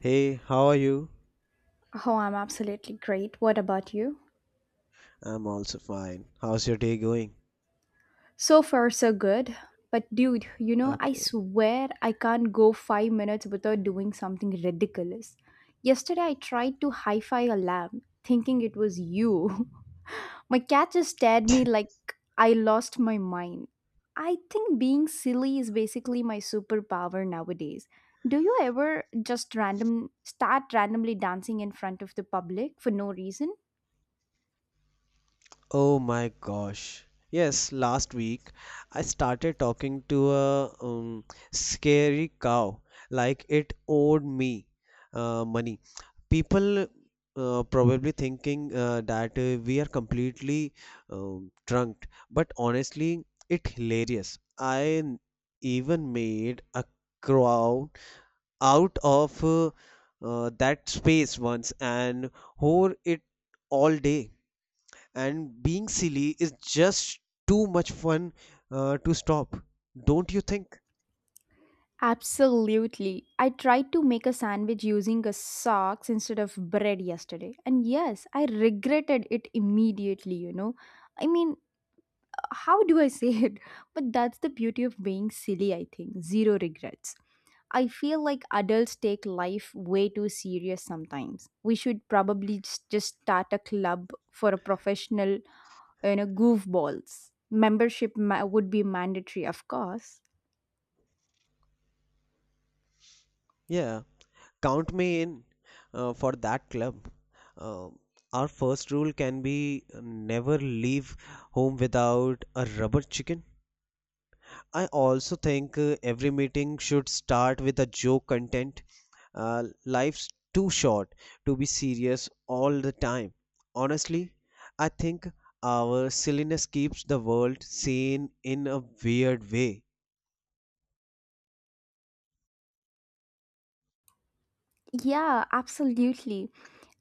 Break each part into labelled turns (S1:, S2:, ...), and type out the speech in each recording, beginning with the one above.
S1: Hey, how are you?
S2: Oh, I'm absolutely great. What about you?
S1: I'm also fine. How's your day going?
S2: So far, so good. But, dude, you know, I
S1: Okay.
S2: swear I can't go 5 minutes without doing something ridiculous. Yesterday, I tried to hi fi a lamb, thinking it was you. My cat just stared me like I lost my mind. I think being silly is basically my superpower nowadays. Do you ever just randomly dancing in front of the public for no reason?
S1: Oh my gosh. Yes, last week I started talking to a scary cow like it owed me money. People probably thinking that we are completely drunk, but honestly, it hilarious. I even made a crow out of that space once and whore it all day. And being silly is just too much fun to stop. Don't you think?
S2: Absolutely. I tried to make a sandwich using a socks instead of bread yesterday. And yes, I regretted it immediately, I mean, how do I say it? But that's the beauty of being silly, I think. Zero regrets. I feel like adults take life way too serious sometimes. We should probably just start a club for a professional, you know, goofballs. Would be mandatory, of course.
S1: Yeah, count me in for that club. Um our first rule can be never leave home without a rubber chicken. I also think every meeting should start with a joke content. Life's too short to be serious all the time. Honestly, I think our silliness keeps the world sane in a weird way.
S2: Yeah, absolutely.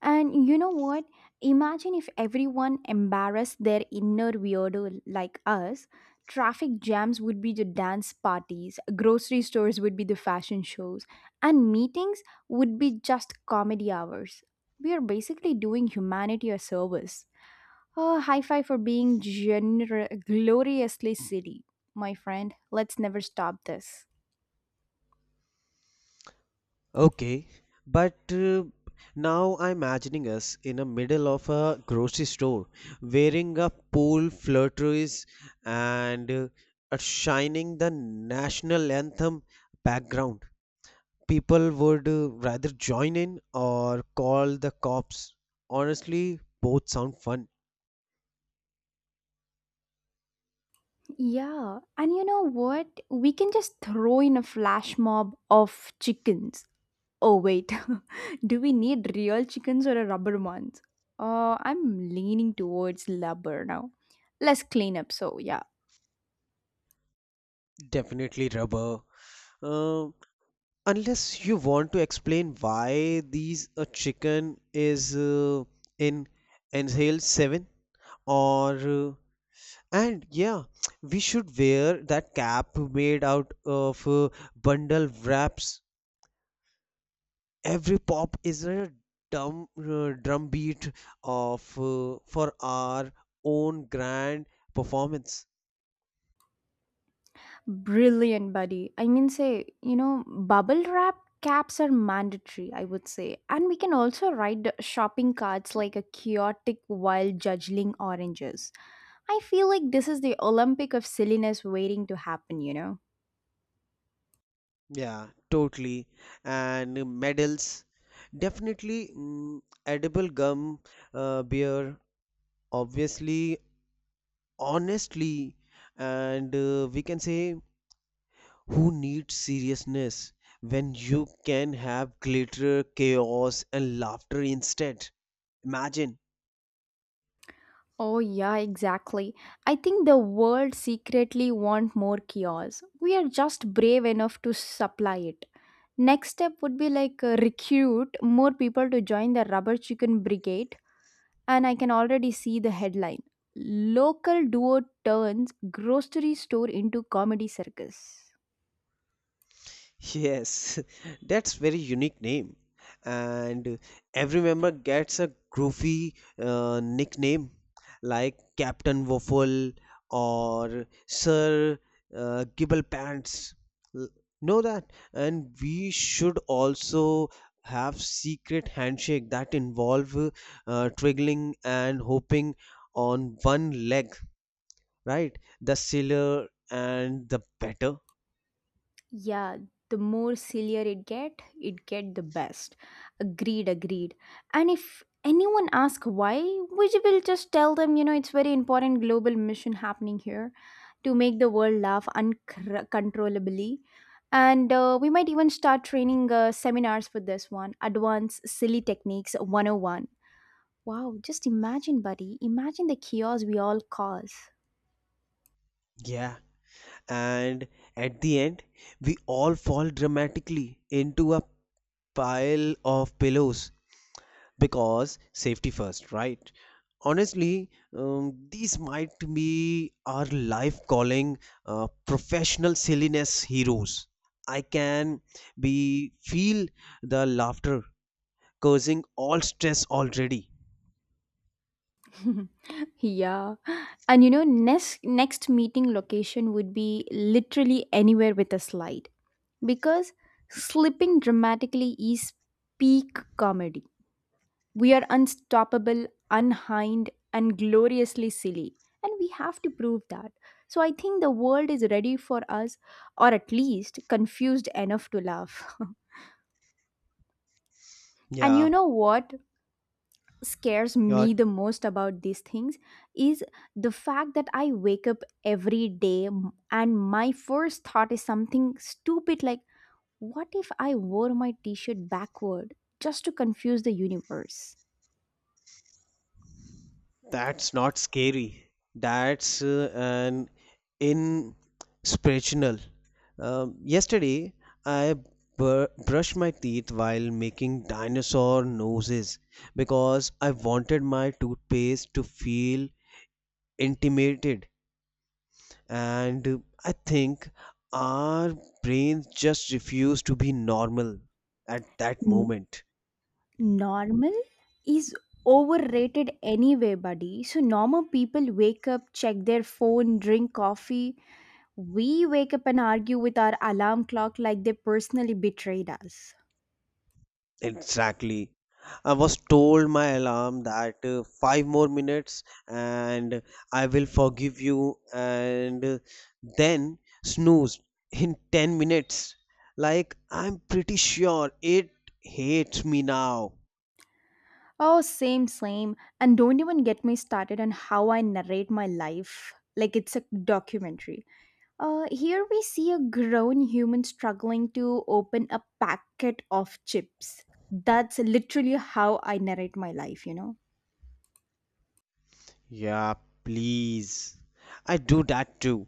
S2: And you know what? Imagine if everyone embarrassed their inner weirdo like us. Traffic jams would be the dance parties, grocery stores would be the fashion shows, and meetings would be just comedy hours. We are basically doing humanity a service. Oh, high five for being gloriously silly, my friend. Let's never stop this.
S1: Okay, but now I'm imagining us in the middle of a grocery store wearing a pool flutteries and a shining the national anthem background. People would rather join in or call the cops. Honestly, both sound fun.
S2: Yeah, and you know what? We can just throw in a flash mob of chickens. Oh, wait. Do we need real chickens or a rubber ones? I'm leaning towards rubber now. Less cleanup, so yeah.
S1: Definitely rubber. Um, unless you want to explain why these a chicken is in inhale 7 or and yeah, we should wear that cap made out of bundle wraps. Every pop is a drumbeat of for our own grand performance.
S2: Brilliant, buddy. I mean, say, you know, bubble wrap caps are mandatory, I would say. And we can also write the shopping cards like a chaotic while juggling oranges. I feel like this is the Olympic of silliness waiting to happen, you know?
S1: Yeah, totally. And medals definitely, edible gum beer obviously, honestly. And we can say, who needs seriousness when you can have glitter chaos and laughter instead. Imagine.
S2: Oh, yeah, exactly. I think the world secretly want more kiosks. We are just brave enough to supply it. Next step would be like recruit more people to join the rubber chicken brigade, and I can already see the headline: Local duo turns grocery store into comedy circus.
S1: Yes, that's very unique name, and every member gets a goofy nickname like Captain Waffle or Sir Gibble Pants. L- Know that, and we should also have secret handshake that involve triggling and hopping on one leg, right? The sillier and the better.
S2: Yeah, the more sillier it get the best. Agreed, agreed. And if anyone ask why, we will just tell them, you know, it's very important global mission happening here to make the world laugh uncontrollably. And we might even start training seminars for this one, Advanced Silly Techniques 101. Wow, just imagine, buddy. Imagine the chaos we all cause.
S1: Yeah. And at the end we all fall dramatically into a pile of pillows because safety first, right? Honestly, these might be our life calling, professional silliness heroes. I can be feel the laughter causing all stress already.
S2: Yeah. And you know, next meeting location would be literally anywhere with a slide, because slipping dramatically is peak comedy. We are unstoppable, unhind, and gloriously silly, and we have to prove that. So I think the world is ready for us, or at least confused enough to laugh. And you
S1: Yeah,
S2: know what? Scares
S1: your.
S2: me the most about these things is the fact that I wake up every day and my first thought is something stupid like, what if I wore my t shirt backward just to confuse the universe?
S1: That's not scary. That's an inspirational. Yesterday, I brushed my teeth while making dinosaur noses because I wanted my toothpaste to feel intimidated. And I think our brains just refuse to be normal at that
S2: N-
S1: moment.
S2: Normal is overrated anyway, buddy. So, normal people wake up, check their phone, drink coffee. We wake up and argue with our alarm clock like they personally betrayed us.
S1: Exactly. I was told my alarm that five more minutes and I will forgive you, and then snoozed in 10 minutes. Like, I'm pretty sure it hates me now.
S2: Oh, same, same. And don't even get me started on how I narrate my life like it's a documentary. Here we see a grown human struggling to open a packet of chips. That's literally how I narrate my life, you know?
S1: Yeah, please. I do that too.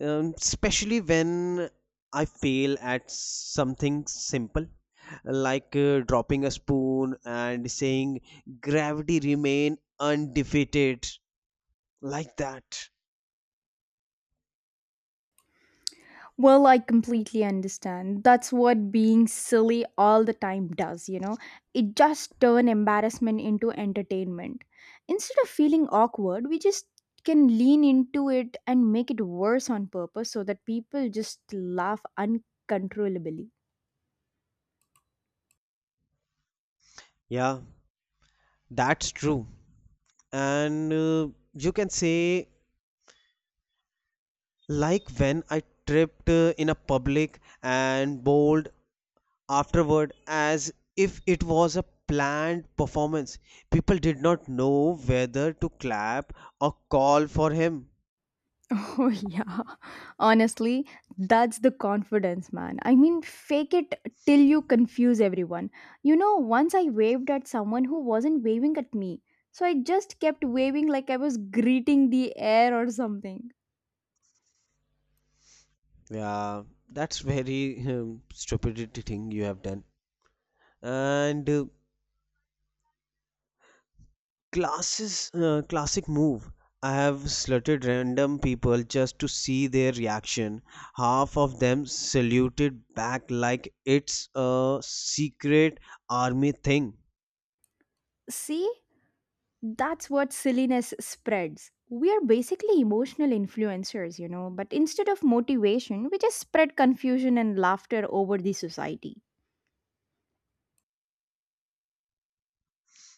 S1: Especially when I fail at something simple, like dropping a spoon and saying, gravity remain undefeated, like that.
S2: Well, I completely understand. That's what being silly all the time does, you know? It just turns embarrassment into entertainment. Instead of feeling awkward, we just can lean into it and make it worse on purpose so that people just laugh uncontrollably.
S1: Yeah, that's true. And you can say, like when I tripped in a public and bowled afterward as if it was a planned performance. People did not know whether to clap or call for him.
S2: Oh, yeah. Honestly, that's the confidence, man. I mean, fake it till you confuse everyone. You know, once I waved at someone who wasn't waving at me. So I just kept waving like I was greeting the air or something.
S1: Yeah, that's very stupidity thing you have done. And classic move. I have slaughtered random people just to see their reaction. Half of them saluted back like it's a secret army thing.
S2: See? That's what silliness spreads. We are basically emotional influencers, you know, but instead of motivation, we just spread confusion and laughter over the society.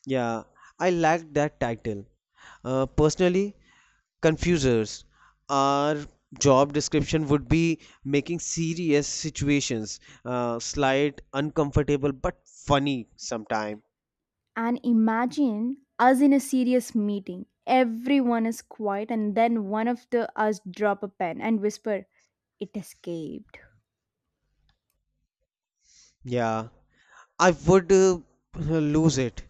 S1: Yeah, I like that title. Personally, confusers. Our job description would be making serious situations slight, uncomfortable, but funny sometime.
S2: And imagine us in a serious meeting. Everyone is quiet and then one of the us drop a pen and whisper, "It escaped."
S1: Yeah, I would lose it.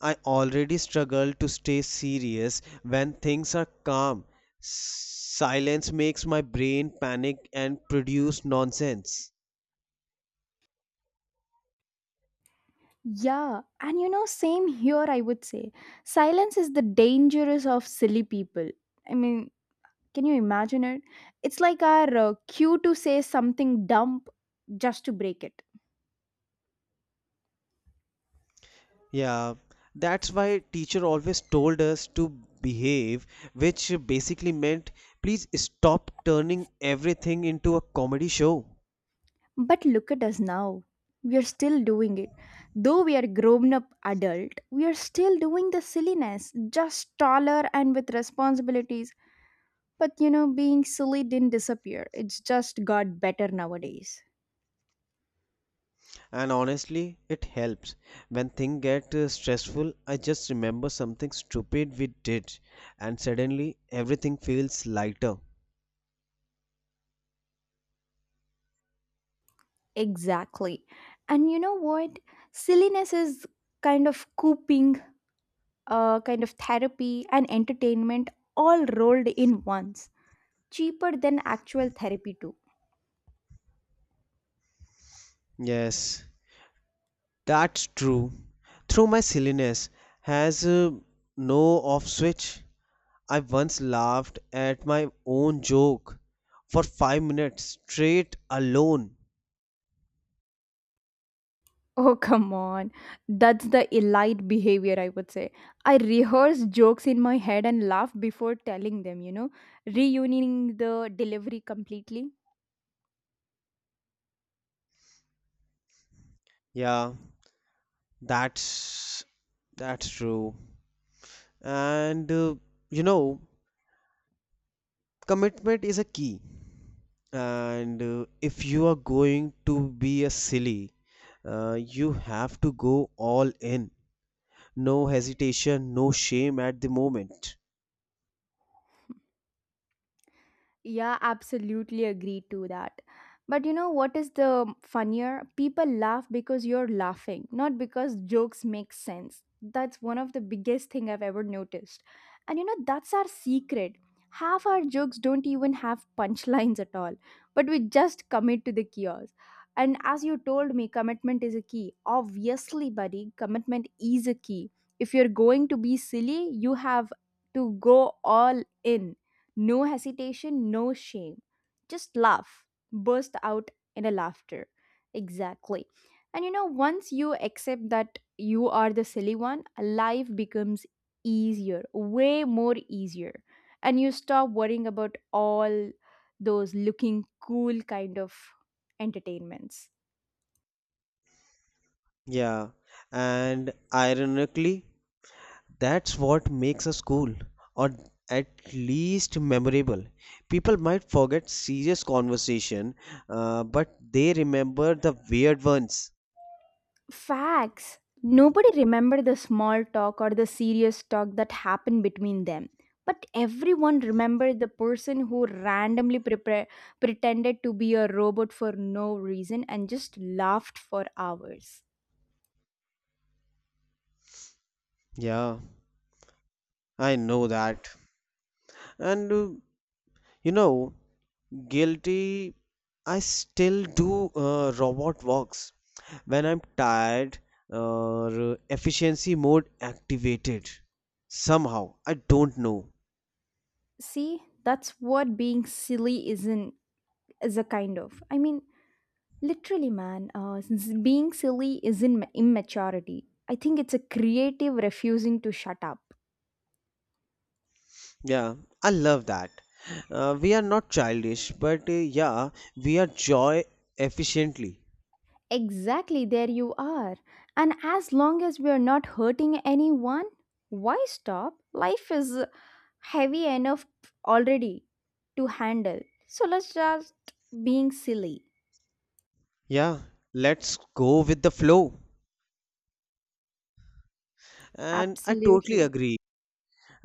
S1: I already struggle to stay serious when things are calm. Silence makes my brain panic and produce nonsense.
S2: Yeah, and you know same here I would say. Silence is the dangerous of silly people. I mean, can you imagine it? It's like our cue to say something dumb just to break it.
S1: Yeah, that's why teacher always told us to behave, which basically meant please stop turning everything into a comedy show.
S2: But look at us now. We are still doing it. Though we are grown up adult, we are still doing the silliness, just taller and with responsibilities. But you know, being silly didn't disappear. It's just got better nowadays.
S1: And honestly, it helps. When things get stressful, I just remember something stupid we did, and suddenly everything feels lighter.
S2: Exactly. And you know what? Silliness is kind of coping, kind of therapy and entertainment all rolled in once. Cheaper than actual therapy too.
S1: Yes, that's true. Through my silliness has no off switch. I once laughed at my own joke for 5 minutes straight alone.
S2: Oh, come on. That's the elite behavior, I would say. I rehearse jokes in my head and laugh before telling them, you know, reuniting the delivery completely.
S1: Yeah, that's that's true. And you know, commitment is a key. And if you are going to be a silly, you have to go all in. No hesitation, no shame at the moment.
S2: Yeah, absolutely agree to that. But you know what is the funnier? People laugh because you're laughing, not because jokes make sense. That's one of the biggest thing I've ever noticed. And you know that's our secret. Half our jokes don't even have punchlines at all, but we just commit to the chaos. And as you told me, commitment is a key. Obviously, buddy, commitment is a key. If you're going to be silly, you have to go all in, no hesitation, no shame. Just laugh, burst out in a laughter. Exactly. And you know, once you accept that you are the silly one, life becomes easier, way more easier. And you stop worrying about all those looking cool kind of entertainments.
S1: Yeah, and ironically, that's what makes a school, or at least memorable. People might forget serious conversation, but they remember the weird ones.
S2: Facts. Nobody remembered the small talk or the serious talk that happened between them. But everyone remembered the person who randomly prepare, pretended to be a robot for no reason and just laughed for hours.
S1: Yeah, I know that. And you know, guilty. I still do robot walks when I'm tired or efficiency mode activated. Somehow, I don't know.
S2: See, that's what being silly isn't is a kind of. I mean, literally, man. Since being silly isn't immaturity. I think it's a creative refusing to shut up.
S1: Yeah, I love that. We are not childish, but yeah, we are joy efficiently.
S2: Exactly, there you are. And as long as we are not hurting anyone, why stop? Life is heavy enough already to handle. So let's just being silly.
S1: Yeah, let's go with the flow. And I totally
S2: Absolutely.
S1: agree.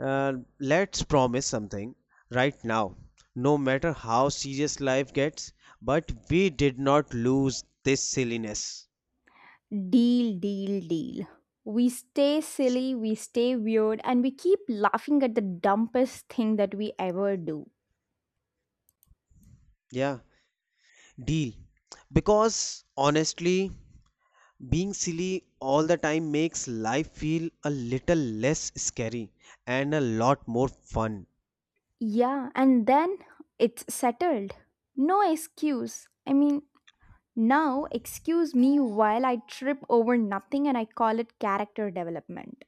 S1: Uh, let's promise something right now. No matter how serious life gets, but we did not lose this silliness.
S2: Deal, deal, deal. We stay silly, we stay weird, and we keep laughing at the dumbest thing that we ever do.
S1: Yeah, deal. Because honestly, being silly all the time makes life feel a little less scary and a lot more fun.
S2: Yeah, and then it's settled. No excuse. I mean, now, excuse me while I trip over nothing and I call it character development.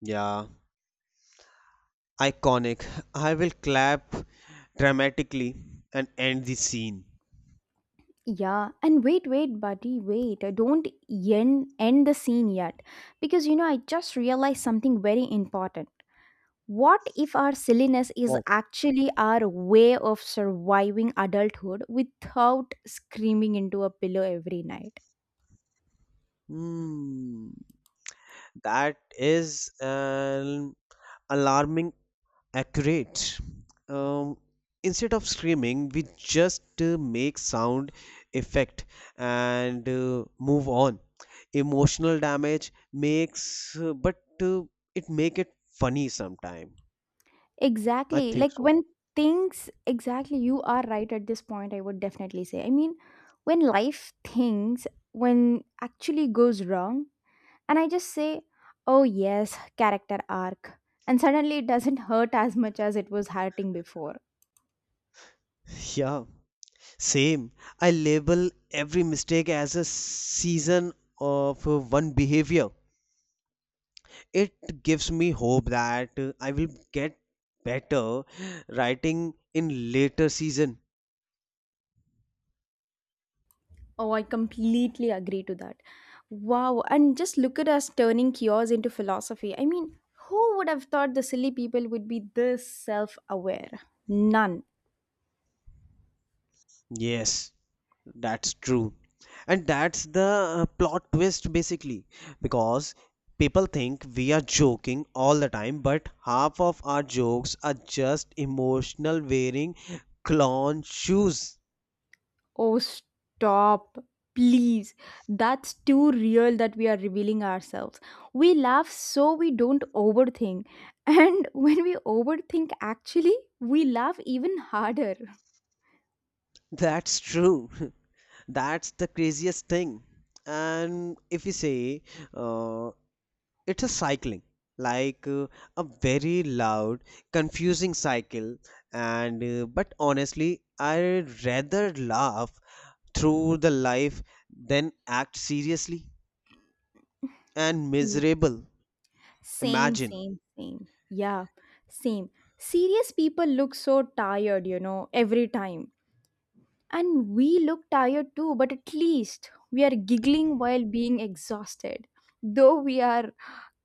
S1: Yeah, iconic. I will clap dramatically and end the scene.
S2: Yeah, and wait, wait, buddy, wait. I don't end the scene yet. Because, you know, I just realized something very important. What if our silliness is
S1: What?
S2: actually our way of surviving adulthood without screaming into a pillow every night?
S1: Hmm. That is an alarming accurate. Um, instead of screaming, we just make sound effect and move on. Emotional damage makes, but it make it funny sometime. I
S2: Exactly.
S1: think so.
S2: Exactly, you are right at this point, I would definitely say. I mean, when life things, when actually goes wrong, and I just say, oh, yes, character arc. And suddenly it doesn't hurt as much as it was hurting before.
S1: Yeah, same. I label every mistake as a season of one behavior. It gives me hope that I will get better writing in later season.
S2: Oh, I completely agree to that. Wow, and just look at us turning cures into philosophy. I mean, who would have thought the silly people would be this self aware? None.
S1: Yes, that's true. And that's the plot twist basically because people think we are joking all the time but half of our jokes are just emotional wearing clown shoes.
S2: Oh, stop. Please. That's too real that we are revealing ourselves. We laugh so we don't overthink. And when we overthink, actually, we laugh even harder.
S1: That's true. That's the craziest thing. And if we say uh, it's a cycling like a very loud confusing cycle and but honestly I rather laugh through the life than act seriously and
S2: Ye-
S1: miserable.
S2: Same,
S1: Imagine.
S2: same, same. Yeah, same. Serious people look so tired, you know, every time. And we look tired too, but at least we are giggling while being exhausted. Though we are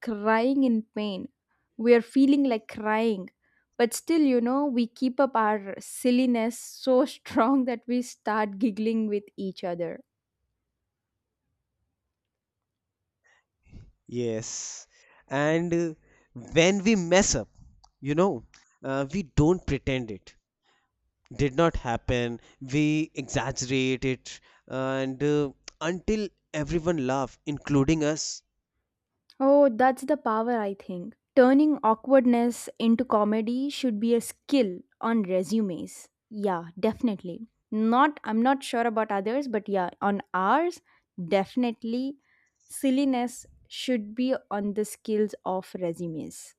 S2: crying in pain. We are feeling like crying. But still, you know, we keep up our silliness so strong that we start giggling with each other.
S1: Yes. And when we mess up, you know we don't pretend it did not happen. We exaggerate it and until everyone laugh including us.
S2: Oh, that's the power, I think. Turning awkwardness into comedy should be a skill on resumes. Yeah, definitely. Not, I'm not sure about others, but yeah, on ours, definitely silliness should be on the skills of resumes.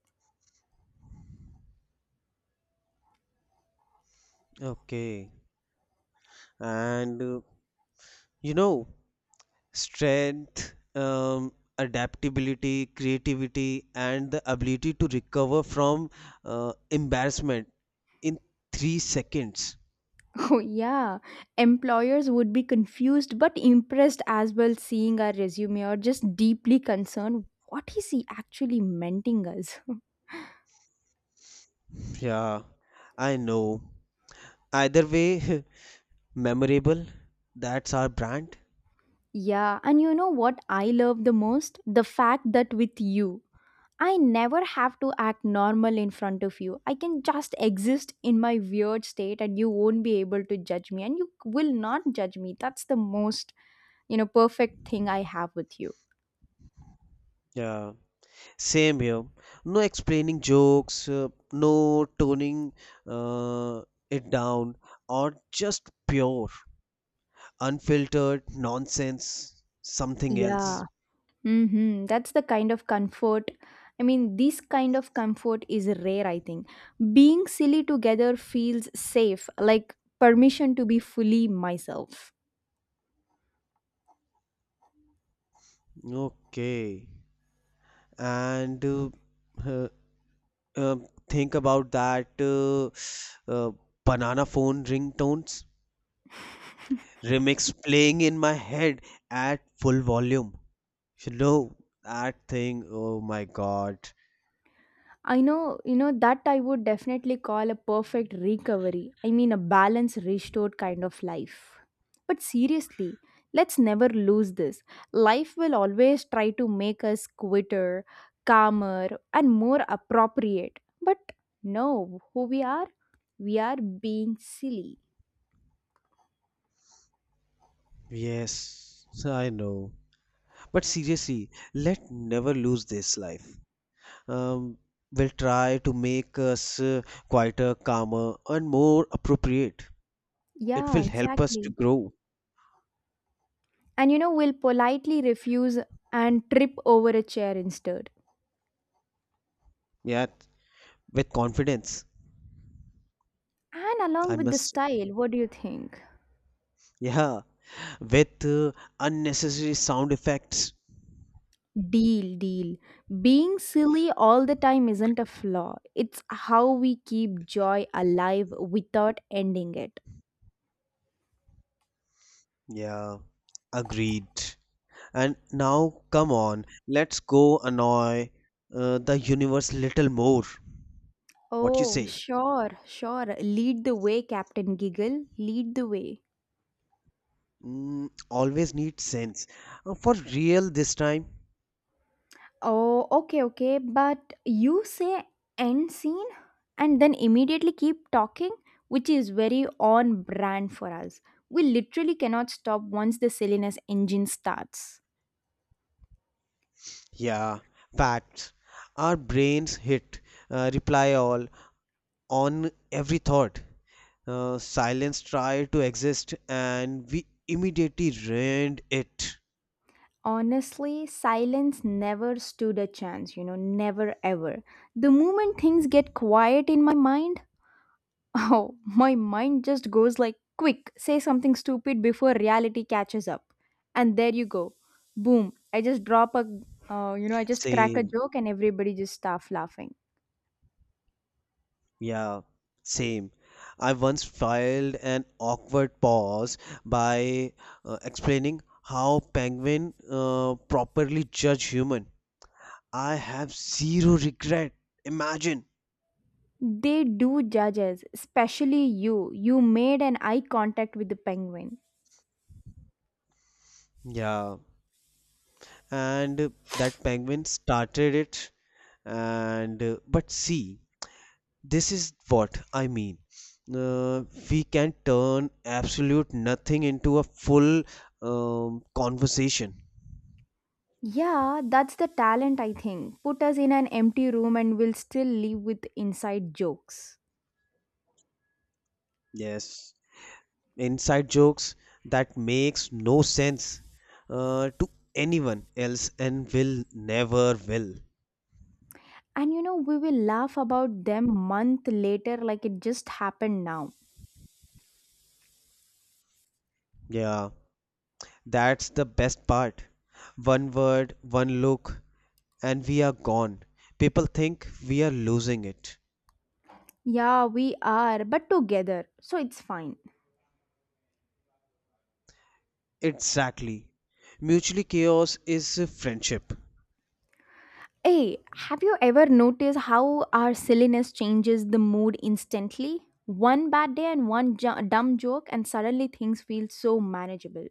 S1: Okay. And you know, strength, adaptability, creativity, and the ability to recover from embarrassment in 3 seconds.
S2: Oh, yeah. Employers would be confused but impressed as well seeing our resume, or just deeply concerned what is he actually menting us?
S1: Yeah, I know. Either way, memorable. That's our brand.
S2: Yeah, and you know what I love the most? The fact that with you, I never have to act normal in front of you. I can just exist in my weird state and you won't be able to judge me and you will not judge me. That's the most, you know, perfect thing I have with you.
S1: Yeah, same here. No explaining jokes, no toning, uh, it down, or just pure unfiltered nonsense, something
S2: Yeah.
S1: else.
S2: Mm-hmm. That's the kind of comfort. I mean, this kind of comfort is rare, I think. Being silly together feels safe, like permission to be fully myself.
S1: Okay. And uh, uh, think about that uh, banana phone ringtones remix playing in my head at full volume, you know, that thing. Oh my god.
S2: I know, you know, that I would definitely call a perfect recovery. I mean, a balance restored kind of life. But seriously, let's never lose this. Life will always try to make us quitter, calmer, and more appropriate. But no, who we are, we are being silly.
S1: Yes, I know. But seriously, let never lose this life, um, we will try to make us quieter, calmer, and more appropriate. It
S2: Yeah,
S1: will help us to
S2: exactly.
S1: grow,
S2: And you know, we'll politely refuse and trip over a chair instead.
S1: yeah, with confidence.
S2: And along
S1: I
S2: with the
S1: must,
S2: style, what do you think?
S1: yeah, with unnecessary sound effects.
S2: Deal, deal. Being silly all the time isn't a flaw. It's how we keep joy alive without ending it.
S1: Yeah, agreed. And now, come on, let's go annoy the universe little more. What you
S2: Oh,
S1: say?
S2: sure, sure. Lead the way, Captain Giggle. Lead the way.
S1: Mm, always need sense. For real this time?
S2: Oh, okay, okay. But you say end scene and then immediately keep talking, which is very on brand for us. We literally cannot stop once the silliness engine starts.
S1: Yeah, facts. Our brains hit reply all on every thought. Silence tried to exist and we immediately ruined it.
S2: Honestly, silence never stood a chance, you know, never ever. The moment things get quiet in my mind, oh, my mind just goes like, quick, say something stupid before reality catches up. And there you go. Boom. I just drop a, you know, I just crack a
S1: Same,
S2: joke and everybody just starts laughing.
S1: yeah, same. I once filed an awkward pause by explaining how penguin properly judge human. I have zero regret. Imagine.
S2: They do judge us, especially you. You made an eye contact with the penguin.
S1: Yeah, and that penguin started it, and but see, this is what I mean. Uh, we can turn absolute nothing into a full conversation.
S2: Yeah, that's the talent, I think. Put us in an empty room and we'll still live with inside jokes.
S1: Yes, inside jokes that makes no sense to anyone else and will never will.
S2: And you know, we will laugh about them month later like it just happened now.
S1: Yeah, that's the best part. One word, one look, and we are gone. People think we are losing it.
S2: Yeah, we are, but together, so it's fine.
S1: Exactly. Mutually chaos is friendship.
S2: Hey, have you ever noticed how our silliness changes the mood instantly? One bad day and one dumb joke, and suddenly things feel so manageable.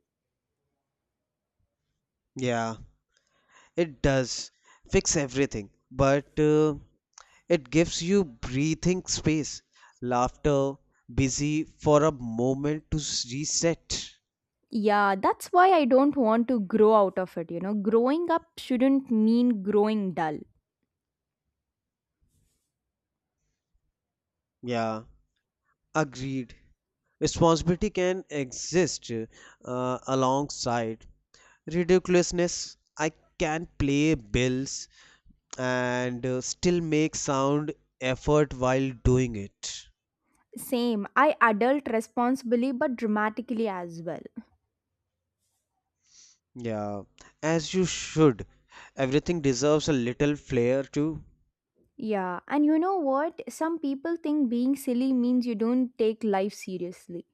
S1: Yeah, it does fix everything, but it gives you breathing space, laughter, busy for a moment to reset.
S2: Yeah, that's why I don't want to grow out of it, you know. Growing up shouldn't mean growing dull.
S1: Yeah, agreed. Responsibility can exist alongside ridiculousness. I can play bills and still make sound effort while doing it.
S2: Same, I adult responsibly but dramatically as well.
S1: Yeah, as you should. Everything deserves a little flair too.
S2: Yeah, and you know what? Some people think being silly means you don't take life seriously.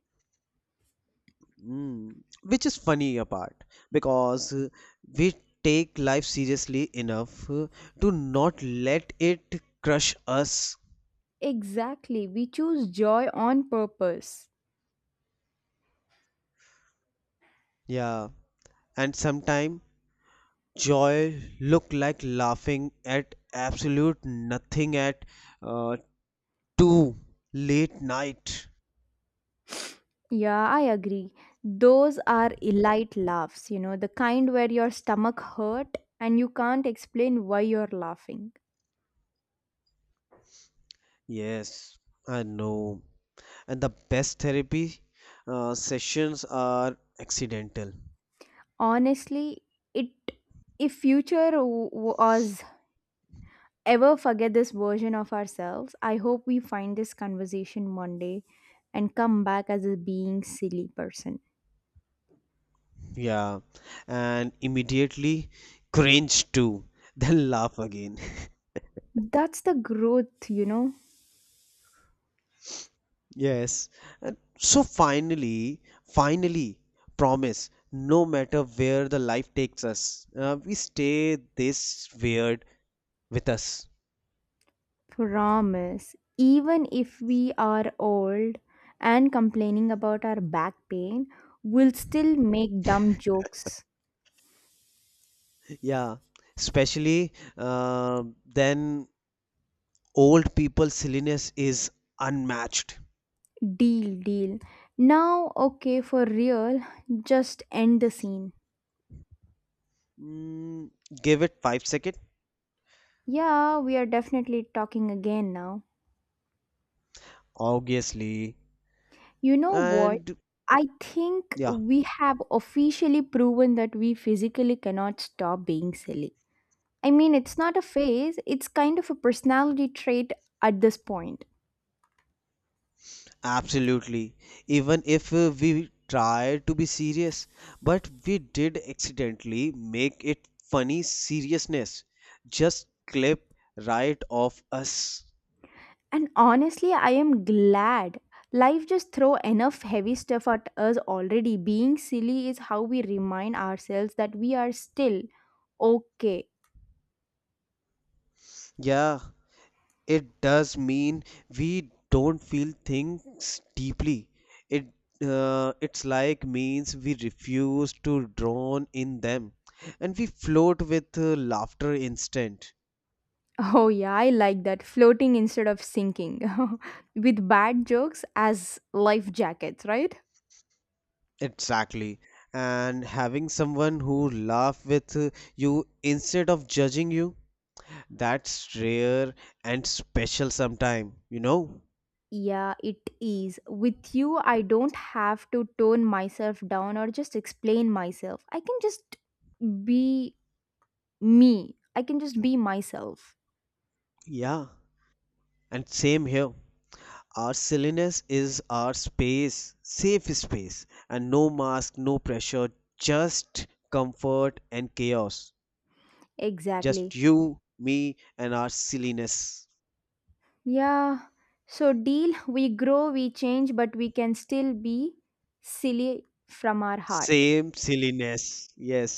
S1: Mm, which is funny apart because we take life seriously enough to not let it crush us.
S2: Exactly. We choose joy on purpose.
S1: Yeah, and sometimes joy look like laughing at absolute nothing at uh, two late night.
S2: Yeah, I agree. Those are elite laughs, you know, the kind where your stomach hurt and you can't explain why you're laughing.
S1: Yes, I know. And the best therapy sessions are accidental.
S2: Honestly, it if future was ever forget this version of ourselves, I hope we find this conversation one day and come back as a being silly person.
S1: Yeah, and immediately cringe too, then laugh again.
S2: That's the growth, you know.
S1: Yes. And so finally, finally, promise, no matter where the life takes us, we stay this weird with us.
S2: Promise. Even if we are old and complaining about our back pain, we'll still make dumb jokes.
S1: Yeah, especially then old people silliness is unmatched.
S2: Deal, deal. Now, okay, for real, just end the scene.
S1: Mm, give it 5 second,
S2: Yeah, we are definitely talking again now.
S1: obviously,
S2: You know what?
S1: and
S2: I think
S1: yeah,
S2: we have officially proven that we physically cannot stop being silly. I mean, it's not a phase, it's kind of a personality trait at this point.
S1: absolutely. Even if we tried to be serious, but we did accidentally make it funny seriousness. Just clip right off us.
S2: And honestly, I am glad. Life just throw enough heavy stuff at us already. Being silly is how we remind ourselves that we are still okay.
S1: Yeah, it does mean we don't feel things deeply. It it's like means we refuse to drown in them and we float with laughter instead.
S2: Oh yeah, I like that. Floating instead of sinking. With bad jokes as life jackets, right?
S1: Exactly. And having someone who laugh with you instead of judging you, that's rare and special sometime, you know?
S2: Yeah, it is. With you, I don't have to tone myself down or just explain myself. I can just be me. I can just be myself.
S1: Yeah. And same here. Our silliness is our space, safe space, and no mask, no pressure, just comfort and chaos. Just
S2: Exactly.
S1: you, me, and our silliness.
S2: Yeah, so deal, we grow, we change, but we can still be silly from our heart.
S1: Same silliness. Yes.